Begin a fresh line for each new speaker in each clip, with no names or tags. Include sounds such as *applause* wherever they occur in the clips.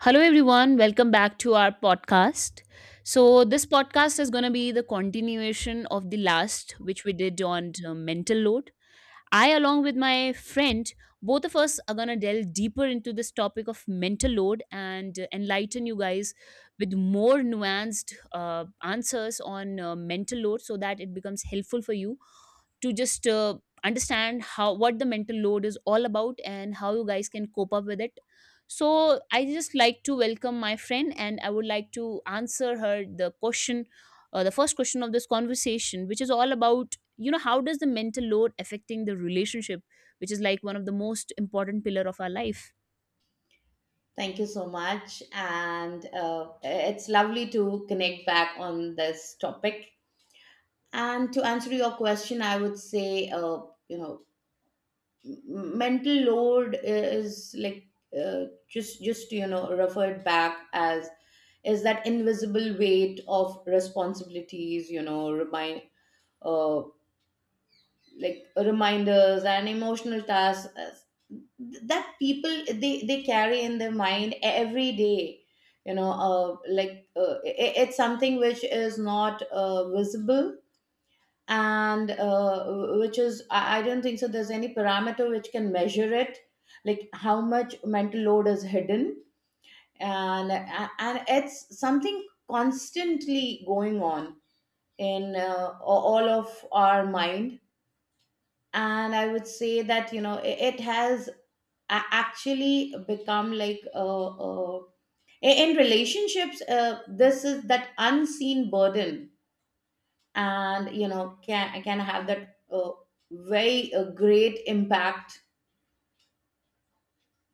Hello, everyone. Welcome back to our podcast. So, this podcast is going to be the continuation of the last, which we did on mental load. I, along with my friend, both of us are going to delve deeper into this topic of mental load and enlighten you guys with more nuanced answers on mental load so that it becomes helpful for you to just understand how what the mental load is all about and how you guys can cope up with it, so I just like to welcome my friend and I would like to answer her the question, the first question of this conversation which is all about how does the mental load affecting the relationship, which is like one of the most important pillar of our life.
Thank you so much. And it's lovely to connect back on this topic. And to answer your question, I would say, you know, mental load is like just you know referred back as is that invisible weight of responsibilities. You know, uh, reminders and emotional tasks that people they carry in their mind every day, you know, it's something which is not visible, and which is I don't think so there's any parameter which can measure it, like how much mental load is hidden. And it's something constantly going on in all of our mind. And I would say that, you know, it has actually become like, in relationships, this is that unseen burden, and you know, can have that very great impact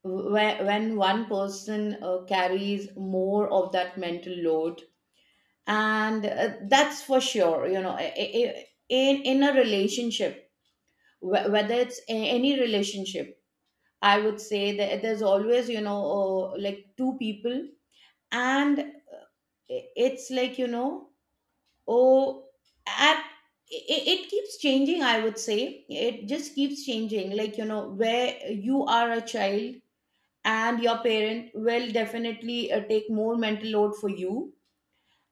when one person carries more of that mental load. And that's for sure, you know. In a relationship, whether it's any relationship, I would say that there's always, you know, like two people, and it's like, you know, oh, at it keeps changing. I would say it just keeps changing. Like, you know, where you are a child and your parent will definitely take more mental load for you.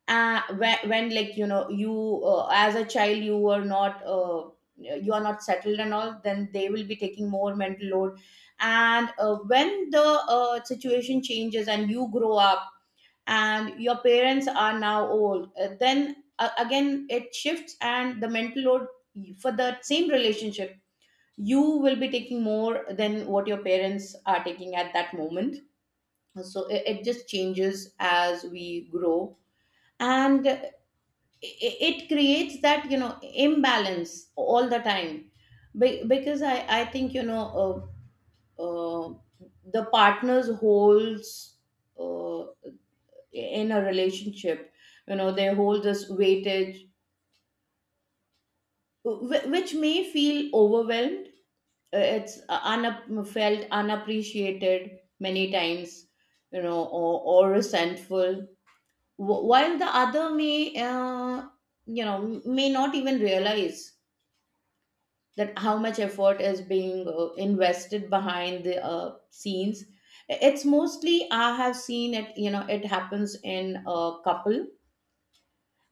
When, like, you know, you as a child, you were not you are not settled and all, then they will be taking more mental load. And when the situation changes and you grow up and your parents are now old, then again it shifts, and the mental load for the same relationship, you will be taking more than what your parents are taking at that moment. So it just changes as we grow. And it creates that, you know, imbalance all the time. Because I think, you know, uh, the partners holds, uh, in a relationship, you know, they hold this weightage, which may feel overwhelmed. It's felt unappreciated many times, you know, or resentful. While the other may, uh, you know may not even realize that how much effort is being invested behind the scenes. It's mostly, I have seen it, you know, it happens in a couple.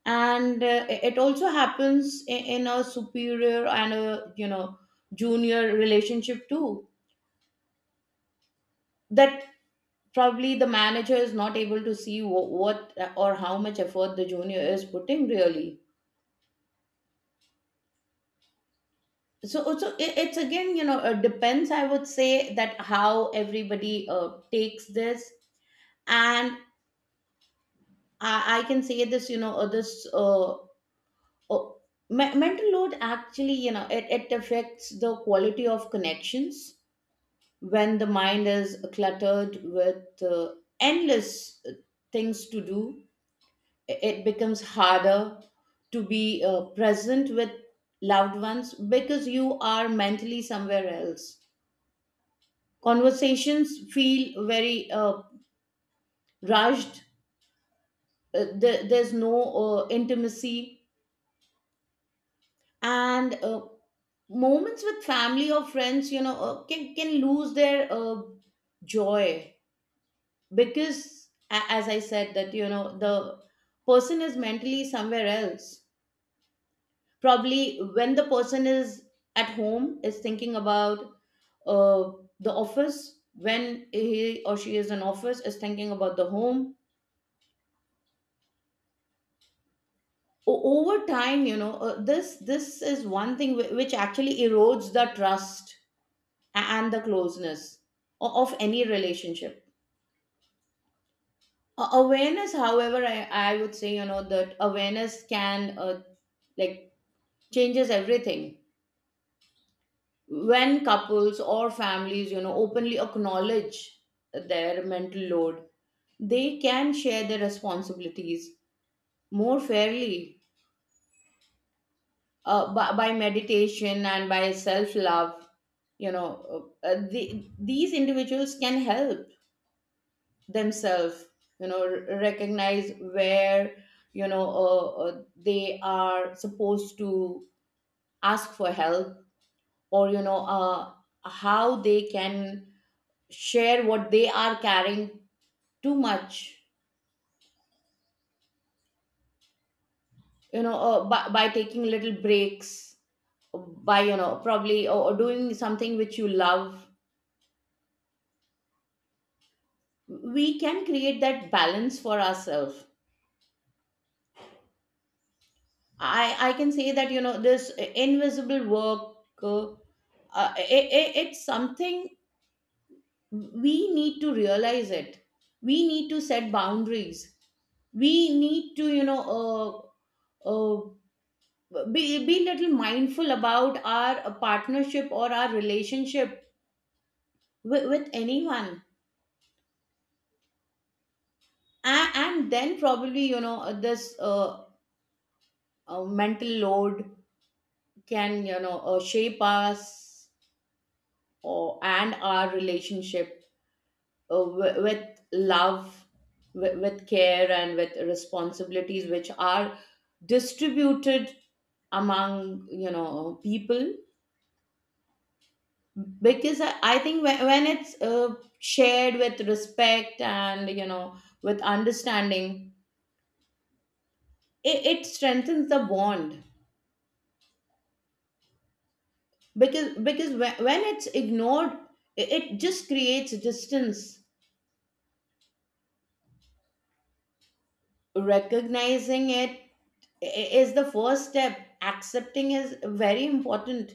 And it also happens in a superior and a, you know, junior relationship too, that probably the manager is not able to see what or how much effort the junior is putting really. So it's again, you know, depends. I would say that how everybody takes this. And I can say this, you know, uh, mental load actually, you know, it affects the quality of connections. When the mind is cluttered with endless things to do, it becomes harder to be present with loved ones because you are mentally somewhere else. Conversations feel very rushed. There's no intimacy, and moments with family or friends, you know, can lose their joy, because as I said that, you know, the person is mentally somewhere else. Probably when the person is at home is thinking about uh, the office; when he or she is in office, is thinking about the home. Over time, you know, this is one thing which actually erodes the trust and the closeness of any relationship. Awareness, however, I would say, you know, that awareness can, like changes everything. When couples or families, you know, openly acknowledge their mental load, they can share their responsibilities more fairly. By meditation and by self love, you know, uh, these individuals can help themselves, you know, recognize where, they are supposed to ask for help or, you know, how they can share what they are carrying too much. You know, by taking little breaks, by, you know, probably or doing something which you love, we can create that balance for ourselves. I can say that, you know, this invisible work, Uh, it's something we need to realize it. We need to set boundaries. We need to, you know, uh, uh, be little mindful about our partnership or our relationship with anyone. And then probably, you know, this mental load can, you know, shape us or and our relationship, with love, with care, and with responsibilities which are distributed among, you know, people. Because I think when it's shared with respect and, you know, with understanding, it strengthens the bond. Because when it's ignored, it just creates distance. Recognizing it i- is the first step. Accepting is very important,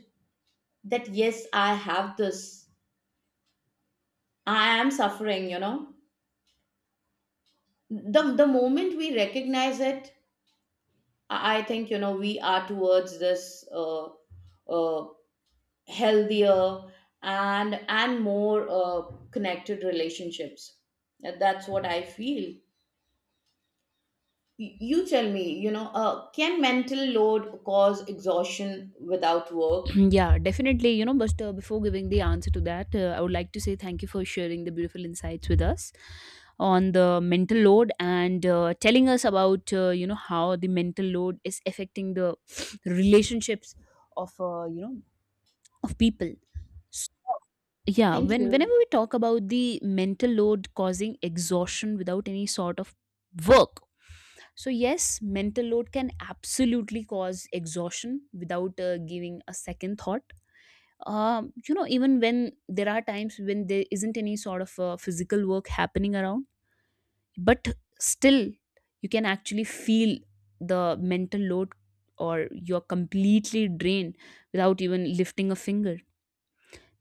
that yes, I have this, I am suffering, you know. The moment we recognize it, I think, you know, we are towards this uh, uh, healthier and more connected relationships. And that's what I feel. You tell me, you know, can mental load cause exhaustion without work?
*clears throat* Yeah, definitely. You know, but before giving the answer to that, I would like to say thank you for sharing the beautiful insights with us on the mental load and telling us about how the mental load is affecting the *sniffs* relationships of of people. So, yeah,
Thank
whenever
you.
we talk about the mental load causing exhaustion without any sort of work. So yes, mental load can absolutely cause exhaustion without giving a second thought, you know, even when there are times when there isn't any sort of physical work happening around, but still you can actually feel the mental load or you're completely drained without even lifting a finger.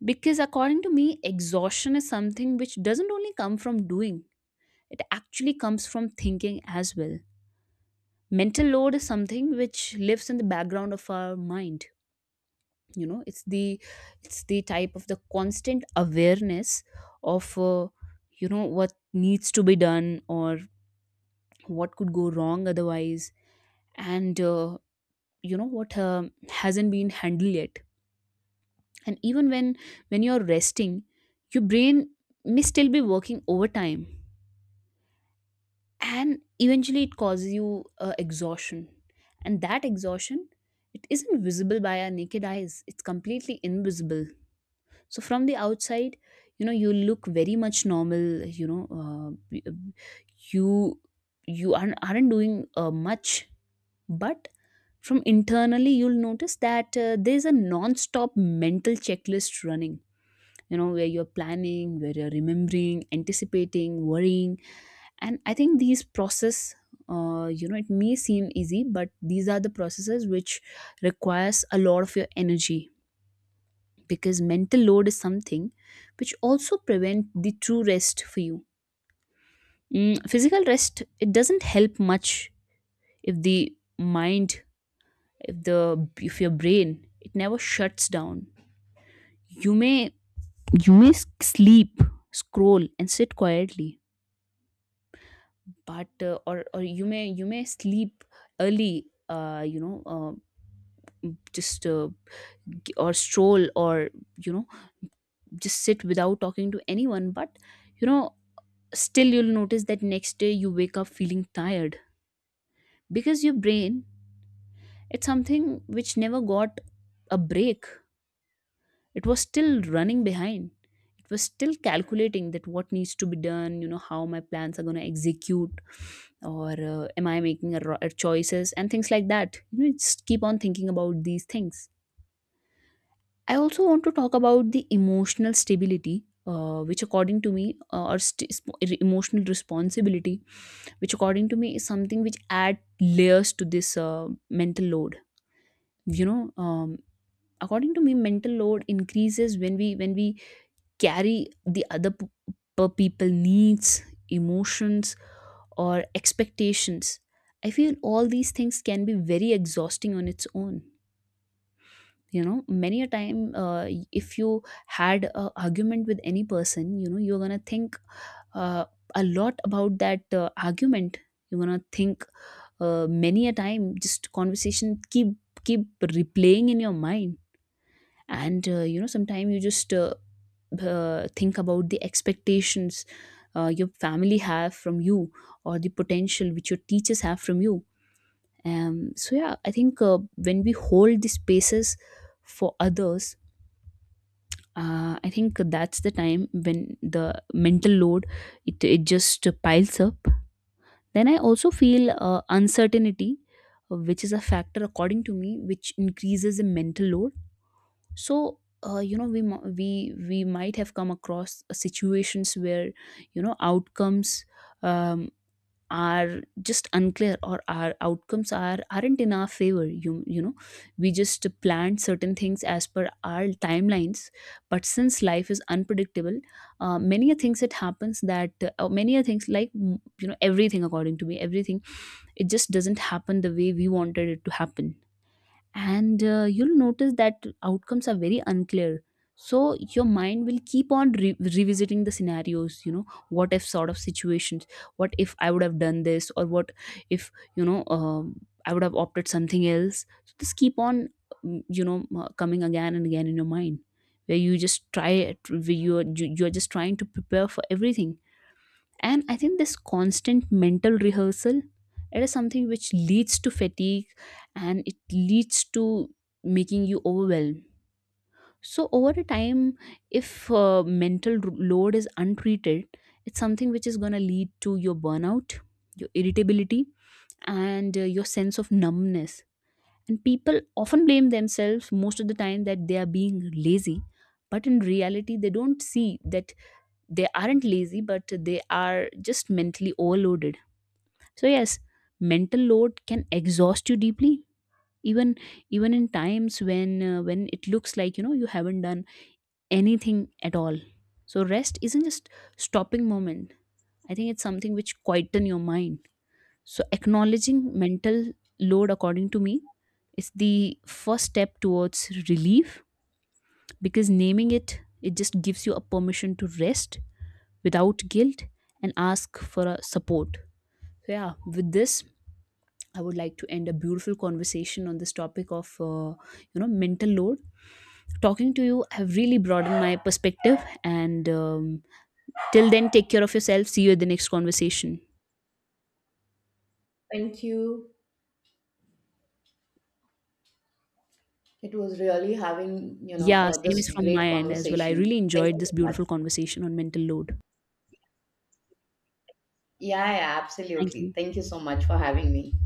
Because according to me, exhaustion is something which doesn't only come from doing, it actually comes from thinking as well. Mental load is something which lives in the background of our mind. You know, it's the type of the constant awareness of you know what needs to be done or what could go wrong otherwise, and you know what hasn't been handled yet. And even when you're resting, your brain may still be working overtime, and eventually it causes you exhaustion. And that exhaustion, it isn't visible by our naked eyes, it's completely invisible. So from the outside, you know, you look very much normal. You know, you aren't doing much, but from internally you'll notice that there's a non-stop mental checklist running, you know, where you're planning, where you're remembering, anticipating, worrying. And I think these process, you know, it may seem easy, but these are the processes which requires a lot of your energy, because mental load is something which also prevent the true rest for you. Physical rest, it doesn't help much if the mind if the if your brain, it never shuts down. you may you may sleep, scroll and sit quietly, but or you may sleep early, uh, you know uh, just uh, or stroll or, you know, just sit without talking to anyone, but, you know, still you'll notice that next day you wake up feeling tired because your brain, it's something which never got a break. It was still running behind, it was still calculating that what needs to be done, you know, how my plans are going to execute or am I making a choices and things like that. You know, it's keep on thinking about these things. I also want to talk about the emotional stability, which according to me, emotional responsibility, which according to me is something which add layers to this mental load. You know, according to me mental load increases when we carry the other people needs, emotions or expectations. I feel all these things can be very exhausting on its own. You know, many a time, if you had a argument with any person, you know, you're going to think uh, a lot about that argument. You're going to think, many a time just conversation keep replaying in your mind. And you know, sometimes you just think about the expectations, your family have from you, or the potential which your teachers have from you. So yeah, I think, when we hold the spaces for others, I think that's the time when the mental load, it just piles up. Then I also feel uncertainty, which is a factor according to me, which increases the mental load. So you know, we mo- we might have come across situations where, you know, outcomes. Um, are just unclear, or our outcomes aren't in our favor. You know, we just planned certain things as per our timelines, but since life is unpredictable, many a things that happens, that many a things, like, you know, everything according to me, everything, it just doesn't happen the way we wanted it to happen. And you'll notice that outcomes are very unclear. So your mind will keep on revisiting the scenarios, you know, what if sort of situations, what if I would have done this, or what if, you know, I would have opted something else. So this keep on, you know, coming again and again in your mind, where you're just trying to prepare for everything. And I think this constant mental rehearsal, it is something which leads to fatigue, and it leads to making you overwhelmed. So over a time, if mental load is untreated, it's something which is going to lead to your burnout, your irritability, and your sense of numbness. And people often blame themselves most of the time that they are being lazy, but in reality they don't see that they aren't lazy, but they are just mentally overloaded. So yes, mental load can exhaust you deeply, even in times when it looks like, you know, you haven't done anything at all. So rest isn't just stopping moment. I think it's something which quieten your mind. So acknowledging mental load, according to me, is the first step towards relief, because naming it, it just gives you a permission to rest without guilt and ask for a support. So yeah, with this, I would like to end a beautiful conversation on this topic of, you know, mental load. Talking to you have really broadened my perspective. And till then, take care of yourself. See you at the next conversation.
Thank you, it was really having, you know,
Yeah, same is
this
from my
great
end as well. I
conversation.
really
Thank
enjoyed
you
this
so much.
beautiful conversation on mental load.
Yeah, yeah,
Thank
absolutely.
you.
Thank you so much for having me.